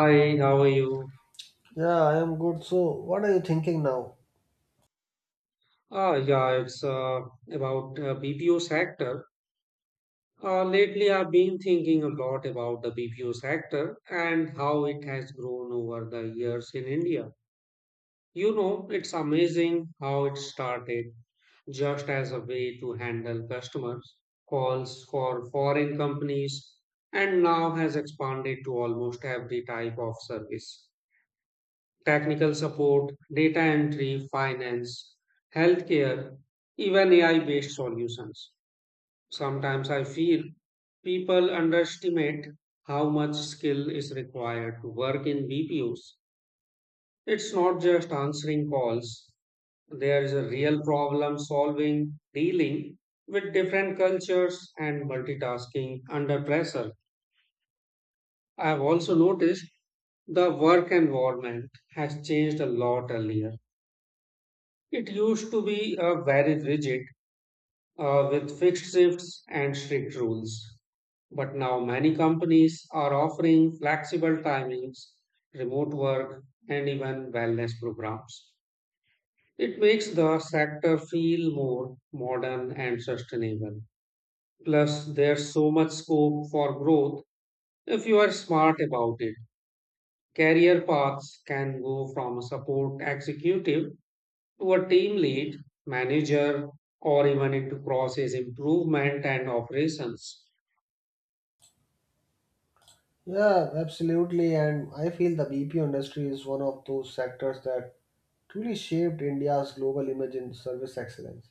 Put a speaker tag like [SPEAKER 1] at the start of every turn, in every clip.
[SPEAKER 1] Hi, how are you?
[SPEAKER 2] Yeah, I am good. So, what are you thinking now?
[SPEAKER 1] Yeah, it's About BPO sector. Lately, I've been thinking a lot about the BPO sector and how it has grown over the years in India. You know, it's amazing how it started just as a way to handle customers' calls for foreign companies and now has expanded to almost every type of service: technical support, data entry, finance, healthcare, even AI based solutions. Sometimes I feel people underestimate how much skill is required to work in BPOs. It's not just answering calls, there is a real problem solving, dealing with different cultures, and multitasking under pressure. I have also noticed the work environment has changed a lot earlier. It used to be very rigid with fixed shifts and strict rules. But now many companies are offering flexible timings, remote work, and even wellness programs. It makes the sector feel more modern and sustainable. Plus, there's so much scope for growth if you are smart about it. Career paths can go from a support executive to a team lead, manager, or even into process improvement and operations.
[SPEAKER 2] Yeah, absolutely. And I feel the BPO industry is one of those sectors that truly shaped India's global image in service excellence.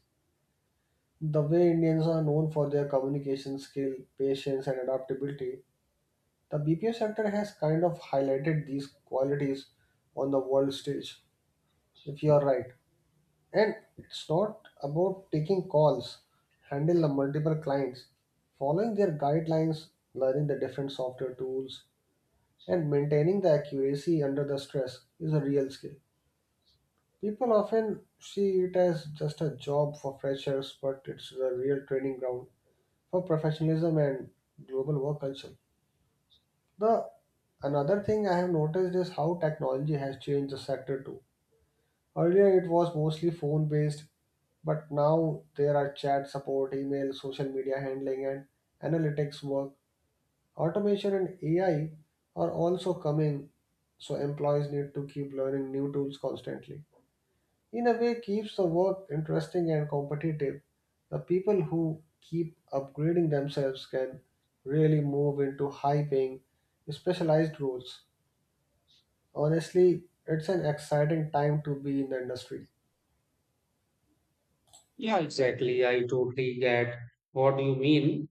[SPEAKER 2] The way Indians are known for their communication skill, patience, and adaptability, the BPO sector has kind of highlighted these qualities on the world stage, if you are right. And it's not about taking calls, handle the multiple clients, following their guidelines, learning the different software tools, and maintaining the accuracy under the stress is a real skill. People often see it as just a job for freshers, but it's a real training ground for professionalism and global work culture. The another thing I have noticed is how technology has changed the sector too. Earlier, it was mostly phone based. But now there are chat support, email, social media handling, and analytics work. Automation and AI are also coming, so employees need to keep learning new tools constantly. In a way, keeps the work interesting and competitive. The people who keep upgrading themselves can really move into high paying, specialized roles. Honestly, it's an exciting time to be in the industry.
[SPEAKER 1] Yeah, exactly. I totally get what you mean.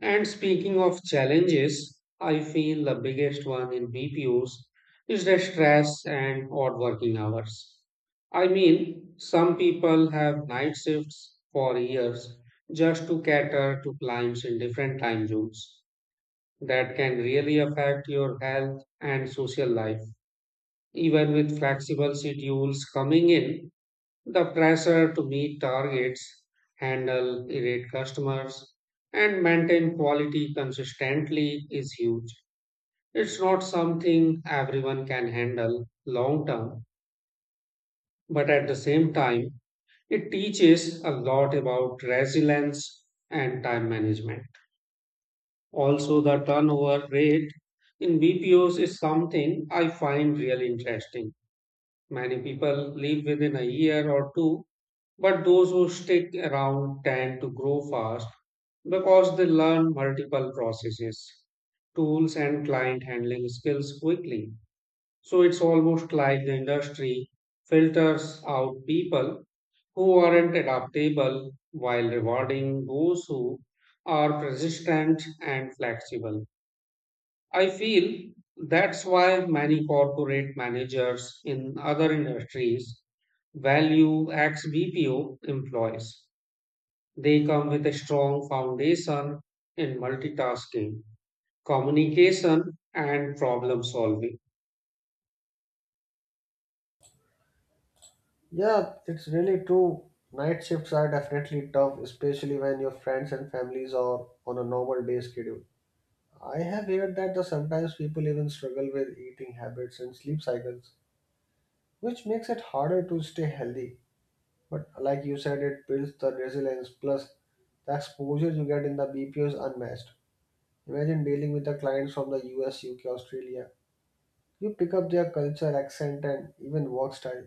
[SPEAKER 1] And speaking of challenges, I feel the biggest one in BPOs is the stress and odd working hours. I mean, some people have night shifts for years just to cater to clients in different time zones. That can really affect your health and social life. Even with flexible schedules coming in, the pressure to meet targets, handle irate customers, and maintain quality consistently is huge. It's not something everyone can handle long term, but at the same time, it teaches a lot about resilience and time management. Also, the turnover rate in BPOs is something I find really interesting. Many people leave within a year or two, but those who stick around tend to grow fast because they learn multiple processes, tools, and client handling skills quickly. So it's almost like the industry filters out people who aren't adaptable while rewarding those who are persistent and flexible. I feel that's why many corporate managers in other industries value ex BPO employees. They come with a strong foundation in multitasking, communication, and problem solving.
[SPEAKER 2] Yeah, it's really true. Night shifts are definitely tough, especially when your friends and families are on a normal day schedule. I have heard that the sometimes people even struggle with eating habits and sleep cycles, which makes it harder to stay healthy. But like you said, it builds the resilience plus the exposure you get in the BPO is unmatched. Imagine dealing with the clients from the US, UK, Australia. You pick up their culture, accent, and even work style.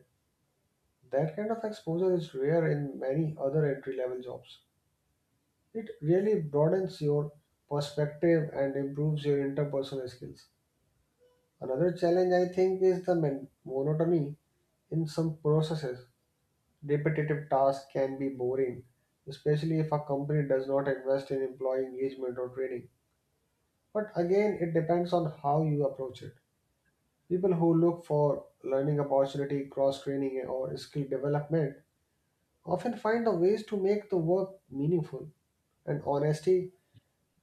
[SPEAKER 2] That kind of exposure is rare in many other entry level jobs. It really broadens your perspective and improves your interpersonal skills. Another challenge, I think, is the monotony in some processes. Repetitive tasks can be boring, especially if a company does not invest in employee engagement or training. But again, it depends on how you approach it. People who look for learning opportunity, cross training, or skill development often find the ways to make the work meaningful and honesty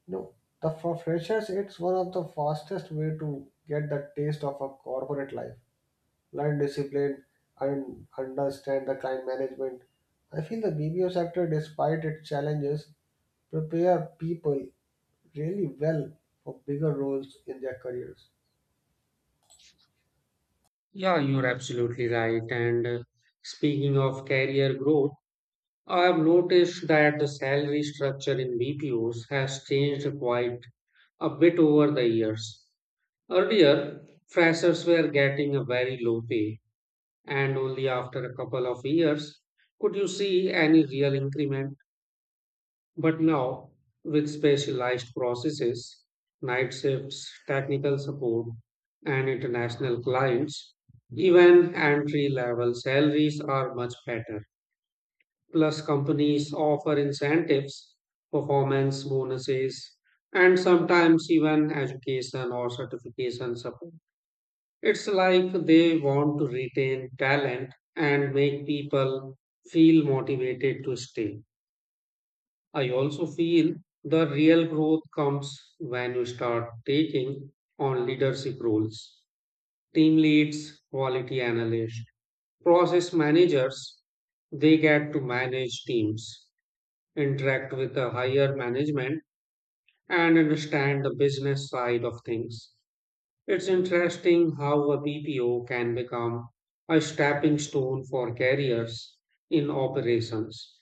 [SPEAKER 2] you know the for freshers it's one of the fastest way to get the taste of a corporate life, learn discipline, and understand the client management. I feel the bbo sector, despite its challenges, prepare people really well for bigger roles in their careers.
[SPEAKER 1] Yeah, you're absolutely right. And speaking of career growth, I have noticed that the salary structure in BPOs has changed quite a bit over the years. Earlier, freshers were getting a very low pay, and only after a couple of years could you see any real increment. But now, with specialized processes, night shifts, technical support, and international clients, even entry level salaries are much better. Plus, companies offer incentives, performance bonuses, and sometimes even education or certification support. It's like they want to retain talent and make people feel motivated to stay. I also feel the real growth comes when you start taking on leadership roles. Team leads, quality analysts, process managers, they get to manage teams, interact with the higher management, and understand the business side of things. It's interesting how a BPO can become a stepping stone for careers in operations,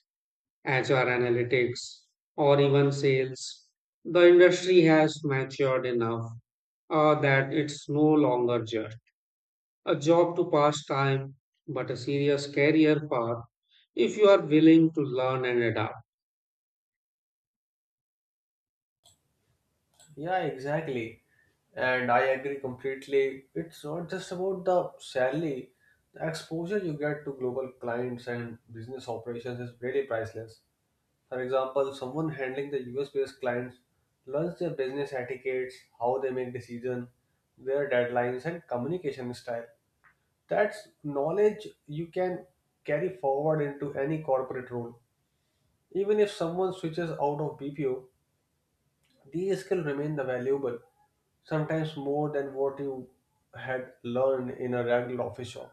[SPEAKER 1] HR analytics, or even sales. The industry has matured enough that it's no longer just a job to pass time, but a serious career path if you are willing to learn and adapt.
[SPEAKER 2] Yeah, exactly. And I agree completely. It's not just about the salary. The exposure you get to global clients and business operations is really priceless. For example, someone handling the US-based clients learns their business etiquettes, how they make decisions, their deadlines, and communication style. That's knowledge you can carry forward into any corporate role. Even if someone switches out of BPO, these skills remain the valuable sometimes more than what you had learned in a regular office job.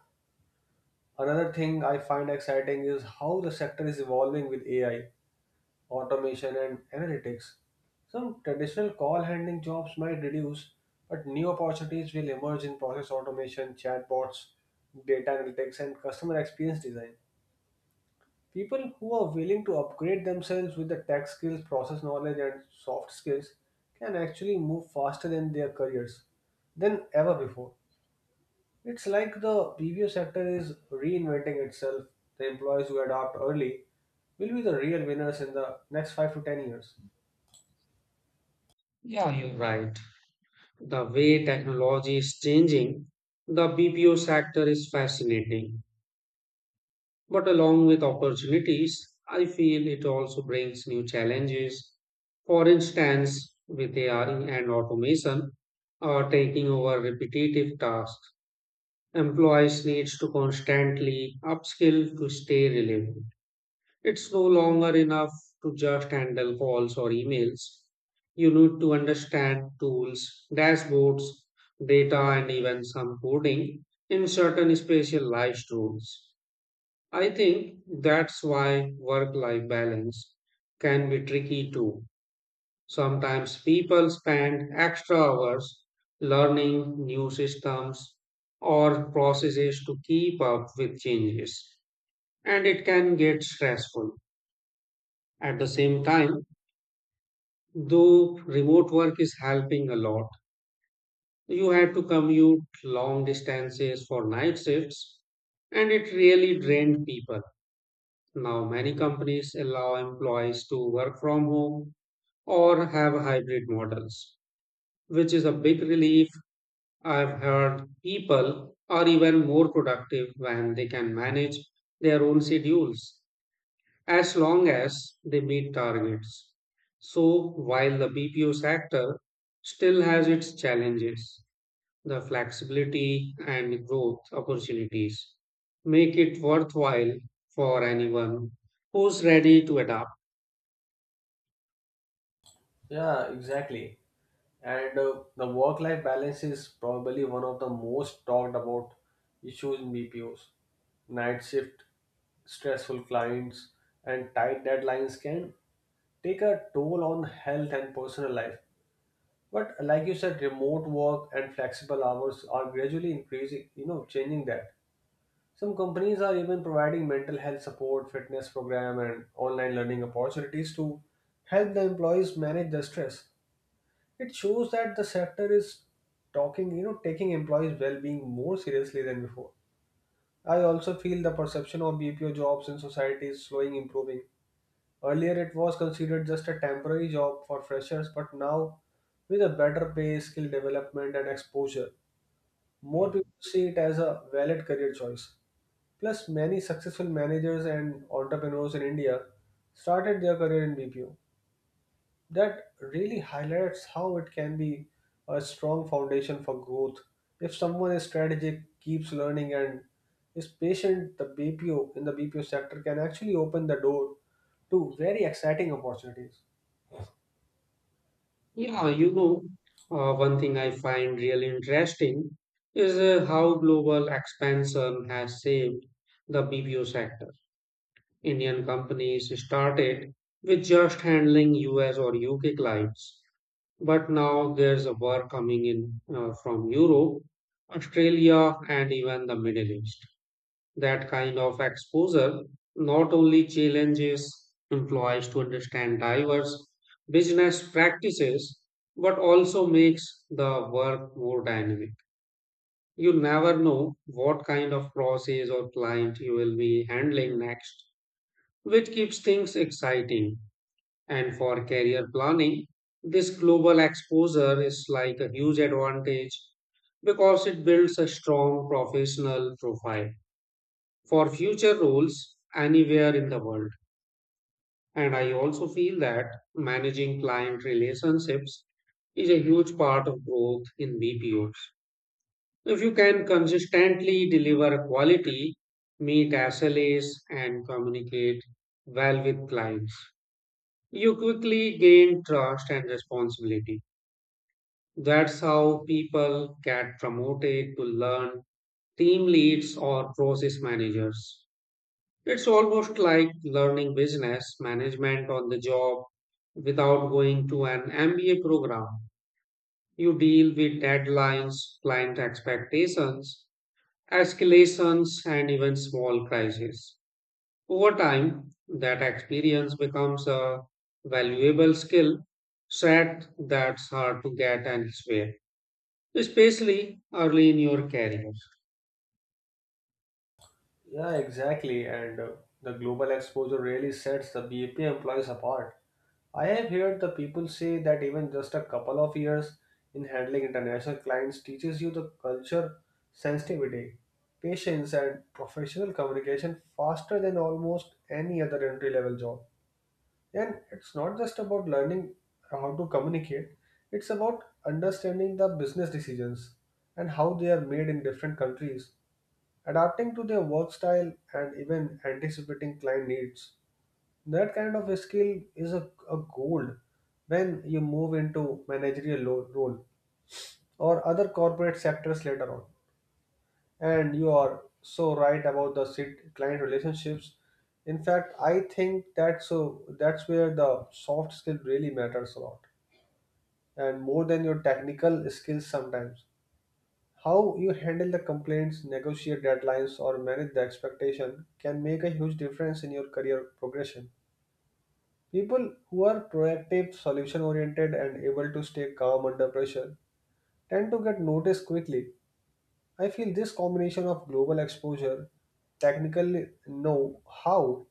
[SPEAKER 2] Another thing I find exciting is how the sector is evolving with AI, automation, and analytics. Some traditional call handling jobs might reduce, but new opportunities will emerge in process automation, chatbots, data analytics, and customer experience design. People who are willing to upgrade themselves with the tech skills, process knowledge, and soft skills can actually move faster in their careers than ever before. It's like the PVO sector is reinventing itself. The employees who adopt early will be the real winners in the next 5 to 10 years.
[SPEAKER 1] Yeah, you're right. The way technology is changing, the BPO sector is fascinating. But along with opportunities, I feel it also brings new challenges. For instance, with AI and automation are taking over repetitive tasks, employees needs to constantly upskill to stay relevant. It's no longer enough to just handle calls or emails. You need to understand tools, dashboards, data, and even some coding in certain specialized tools. I think that's why work life balance can be tricky too. Sometimes people spend extra hours learning new systems or processes to keep up with changes, and it can get stressful. At the same time, though remote work is helping a lot, you had to commute long distances for night shifts, and it really drained people. Now, many companies allow employees to work from home or have hybrid models, which is a big relief. I've heard people are even more productive when they can manage their own schedules as long as they meet targets. So, while the BPO sector still has its challenges, the flexibility and growth opportunities make it worthwhile for anyone who's ready to adapt.
[SPEAKER 2] Yeah, exactly. And the work life balance is probably one of the most talked about issues in BPOs. Night shift, stressful clients, and tight deadlines can take a toll on health and personal life. But like you said, remote work and flexible hours are gradually increasing, you know, changing that. Some companies are even providing mental health support, fitness program, and online learning opportunities to help the employees manage the stress. It shows that the sector is talking, you know, taking employees' well-being more seriously than before. I also feel the perception of BPO jobs in society is slowly improving. Earlier, it was considered just a temporary job for freshers, but now, with a better pay, skill development, and exposure, more people see it as a valid career choice. Plus, many successful managers and entrepreneurs in India started their career in BPO. That really highlights how it can be a strong foundation for growth. If someone is strategic, keeps learning, and is patient, the BPO in the BPO sector can actually open the door to very exciting opportunities.
[SPEAKER 1] Yeah, you know, one thing I find really interesting is how global expansion has saved the BPO sector. Indian companies started with just handling US or UK clients, but now there's a work coming in from Europe, Australia, and even the Middle East. That kind of exposure not only challenges employees to understand diverse business practices but also makes the work more dynamic. You never know what kind of process or client you will be handling next, which keeps things exciting. And for career planning, this global exposure is like a huge advantage because it builds a strong professional profile for future roles anywhere in the world. And I also feel that managing client relationships is a huge part of growth in BPOs. If you can consistently deliver quality, meet SLAs, and communicate well with clients, you quickly gain trust and responsibility. That's how people get promoted to learn team leads or process managers. It's almost like learning business management on the job without going to an MBA program. You deal with deadlines, client expectations, escalations, and even small crises. Over time, that experience becomes a valuable skill set that's hard to get elsewhere, especially early in your career.
[SPEAKER 2] Yeah, exactly. And the global exposure really sets the BAP employees apart. I have heard the people say that even just a couple of years in handling international clients teaches you the culture, sensitivity, patience, and professional communication faster than almost any other entry level job. And it's not just about learning how to communicate, it's about understanding the business decisions and how they are made in different countries, adapting to their work style, and even anticipating client needs. That kind of a skill is a gold when you move into managerial role or other corporate sectors later on. And you are so right about the sit client relationships. In fact, I think that's where the soft skill really matters a lot, and more than your technical skills sometimes. How you handle the complaints, negotiate deadlines, or manage the expectation can make a huge difference in your career progression. People who are proactive, solution oriented, and able to stay calm under pressure tend to get noticed quickly. I feel this combination of global exposure, technical know how,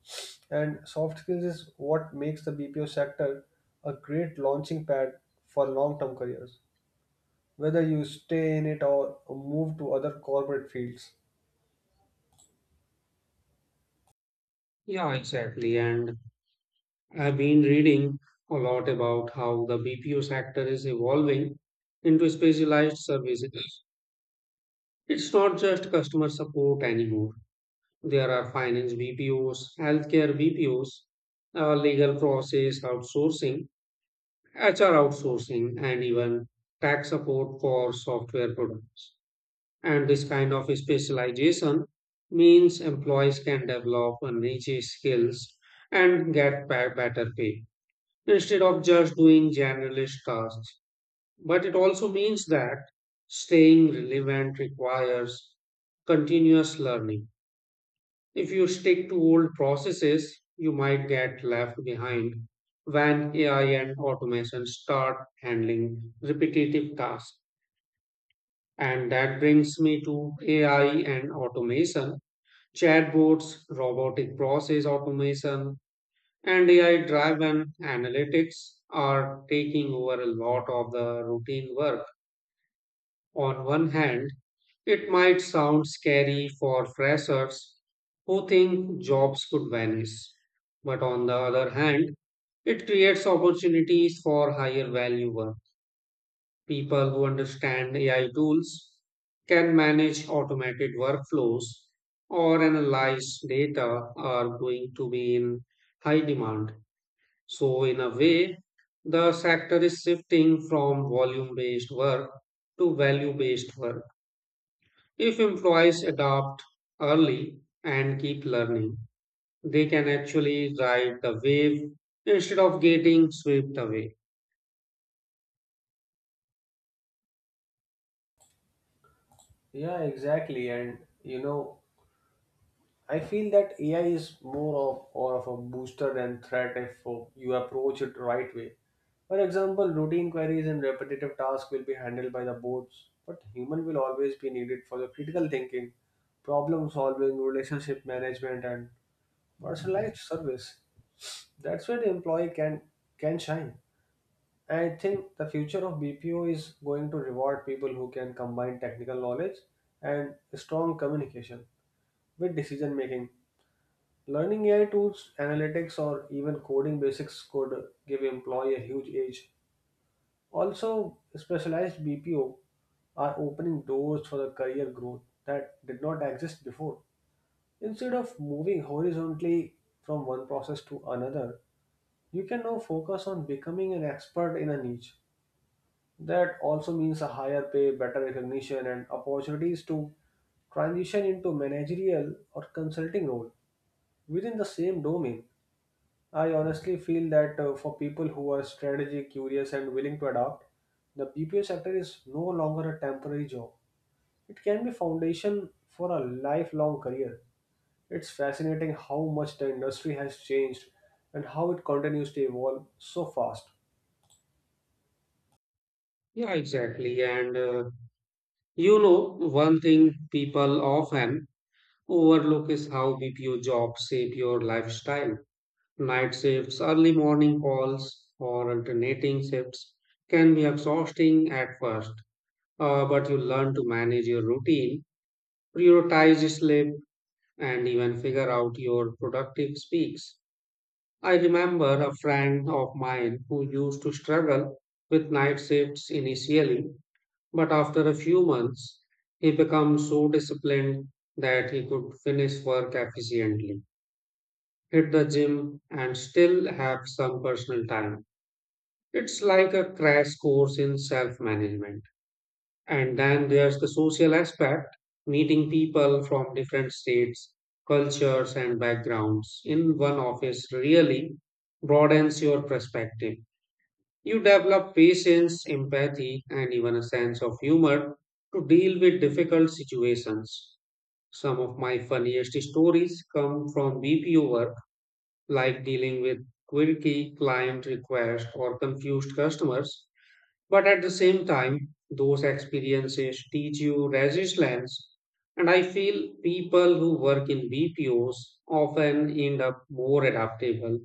[SPEAKER 2] and soft skills is what makes the BPO sector a great launching pad for long term careers, whether you stay in it or move to other corporate fields.
[SPEAKER 1] Yeah, exactly. And I've been reading a lot about how the BPO sector is evolving into specialized services. It's not just customer support anymore. There are finance BPOs, healthcare BPOs, legal process outsourcing, HR outsourcing, and even tax support for software products. And this kind of specialization means employees can develop a niche skills and get better pay, instead of just doing generalist tasks. But it also means that staying relevant requires continuous learning. If you stick to old processes, you might get left behind when AI and automation start handling repetitive tasks. And that brings me to AI and automation, chatbots, robotic process automation, and AI driven analytics are taking over a lot of the routine work. On one hand, it might sound scary for freshers who think jobs could vanish. But on the other hand, it creates opportunities for higher value work. People who understand AI tools can manage automated workflows or analyze data are going to be in high demand. So, in a way, the sector is shifting from volume based work to value based work. If employees adopt early and keep learning, they can actually ride the wave instead of getting swept away.
[SPEAKER 2] Yeah, exactly. And you know, I feel that AI is more of or of a booster than threat if you approach it right way. For example, routine queries and repetitive tasks will be handled by the bots, but human will always be needed for the critical thinking, problem solving, relationship management, and personalized service. That's where the employee can shine. I think the future of BPO is going to reward people who can combine technical knowledge and strong communication with decision making. Learning AI tools, analytics, or even coding basics could give employee a huge edge. Also, specialized BPO are opening doors for the career growth that did not exist before. Instead of moving horizontally from one process to another, you can now focus on becoming an expert in a niche. That also means a higher pay, better recognition, and opportunities to transition into managerial or consulting role within the same domain. I honestly feel that for people who are strategy curious and willing to adapt, the BPO sector is no longer a temporary job. It can be foundation for a lifelong career. It's fascinating how much the industry has changed and how it continues to evolve so fast.
[SPEAKER 1] Yeah, exactly. And you know, one thing people often overlook is how BPO jobs shape your lifestyle. Night shifts, early morning calls, or alternating shifts can be exhausting at first, but you learn to manage your routine, prioritize sleep, and even figure out your productive speaks. I remember a friend of mine who used to struggle with night shifts initially, but after a few months, he became so disciplined that he could finish work efficiently, hit the gym, and still have some personal time. It's like a crash course in self management. And then there's the social aspect, meeting people from different states, cultures, and backgrounds in one office really broadens your perspective. You develop patience, empathy, and even a sense of humor to deal with difficult situations. Some of my funniest stories come from BPO work, like dealing with quirky client requests or confused customers, but at the same time, those experiences teach you resilience. And I feel people who work in BPOs often end up more adaptable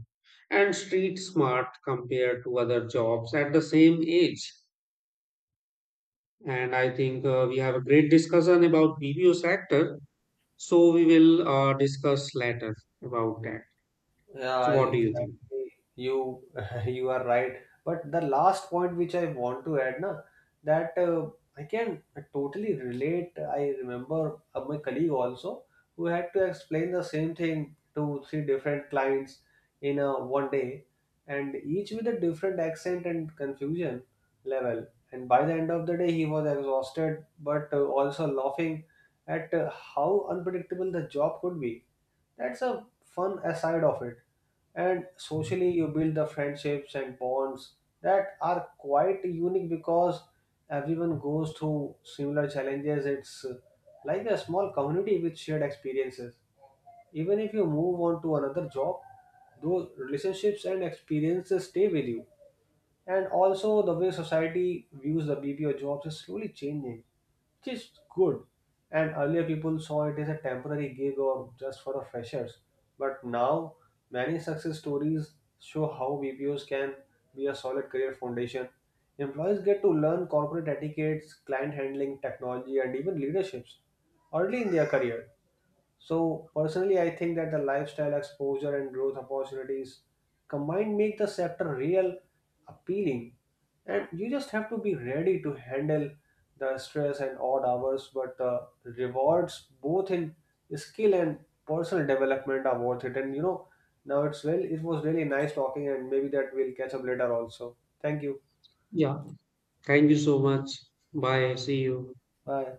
[SPEAKER 1] and street smart compared to other jobs at the same age. And I think we have a great discussion about BPO sector. So we will discuss later about that.
[SPEAKER 2] Yeah,
[SPEAKER 1] So what do you think?
[SPEAKER 2] exactly. You you are right. But the last point which I want to add, na, that I can totally relate. I remember my colleague also who had to explain the same thing to three different clients in a one day, and each with a different accent and confusion level. And by the end of the day, he was exhausted, but also laughing at how unpredictable the job could be. That's a fun aside of it. And socially, you build the friendships and bonds that are quite unique because everyone goes through similar challenges. It's like a small community with shared experiences. Even if you move on to another job, those relationships and experiences stay with you. And also, the way society views the BPO jobs is slowly changing, which is good. And earlier, people saw it as a temporary gig or just for the freshers. But now, many success stories show how BPOs can be a solid career foundation. Employees get to learn corporate etiquettes, client handling, technology, and even leaderships early in their career. So personally, I think that the lifestyle exposure and growth opportunities combined make the sector real appealing. And you just have to be ready to handle the stress and odd hours, but the rewards both in skill and personal development are worth it. And you know, now it was really nice talking, and maybe that we'll catch up later also. Thank you.
[SPEAKER 1] Yeah. Thank you so much. Bye. See you.
[SPEAKER 2] Bye.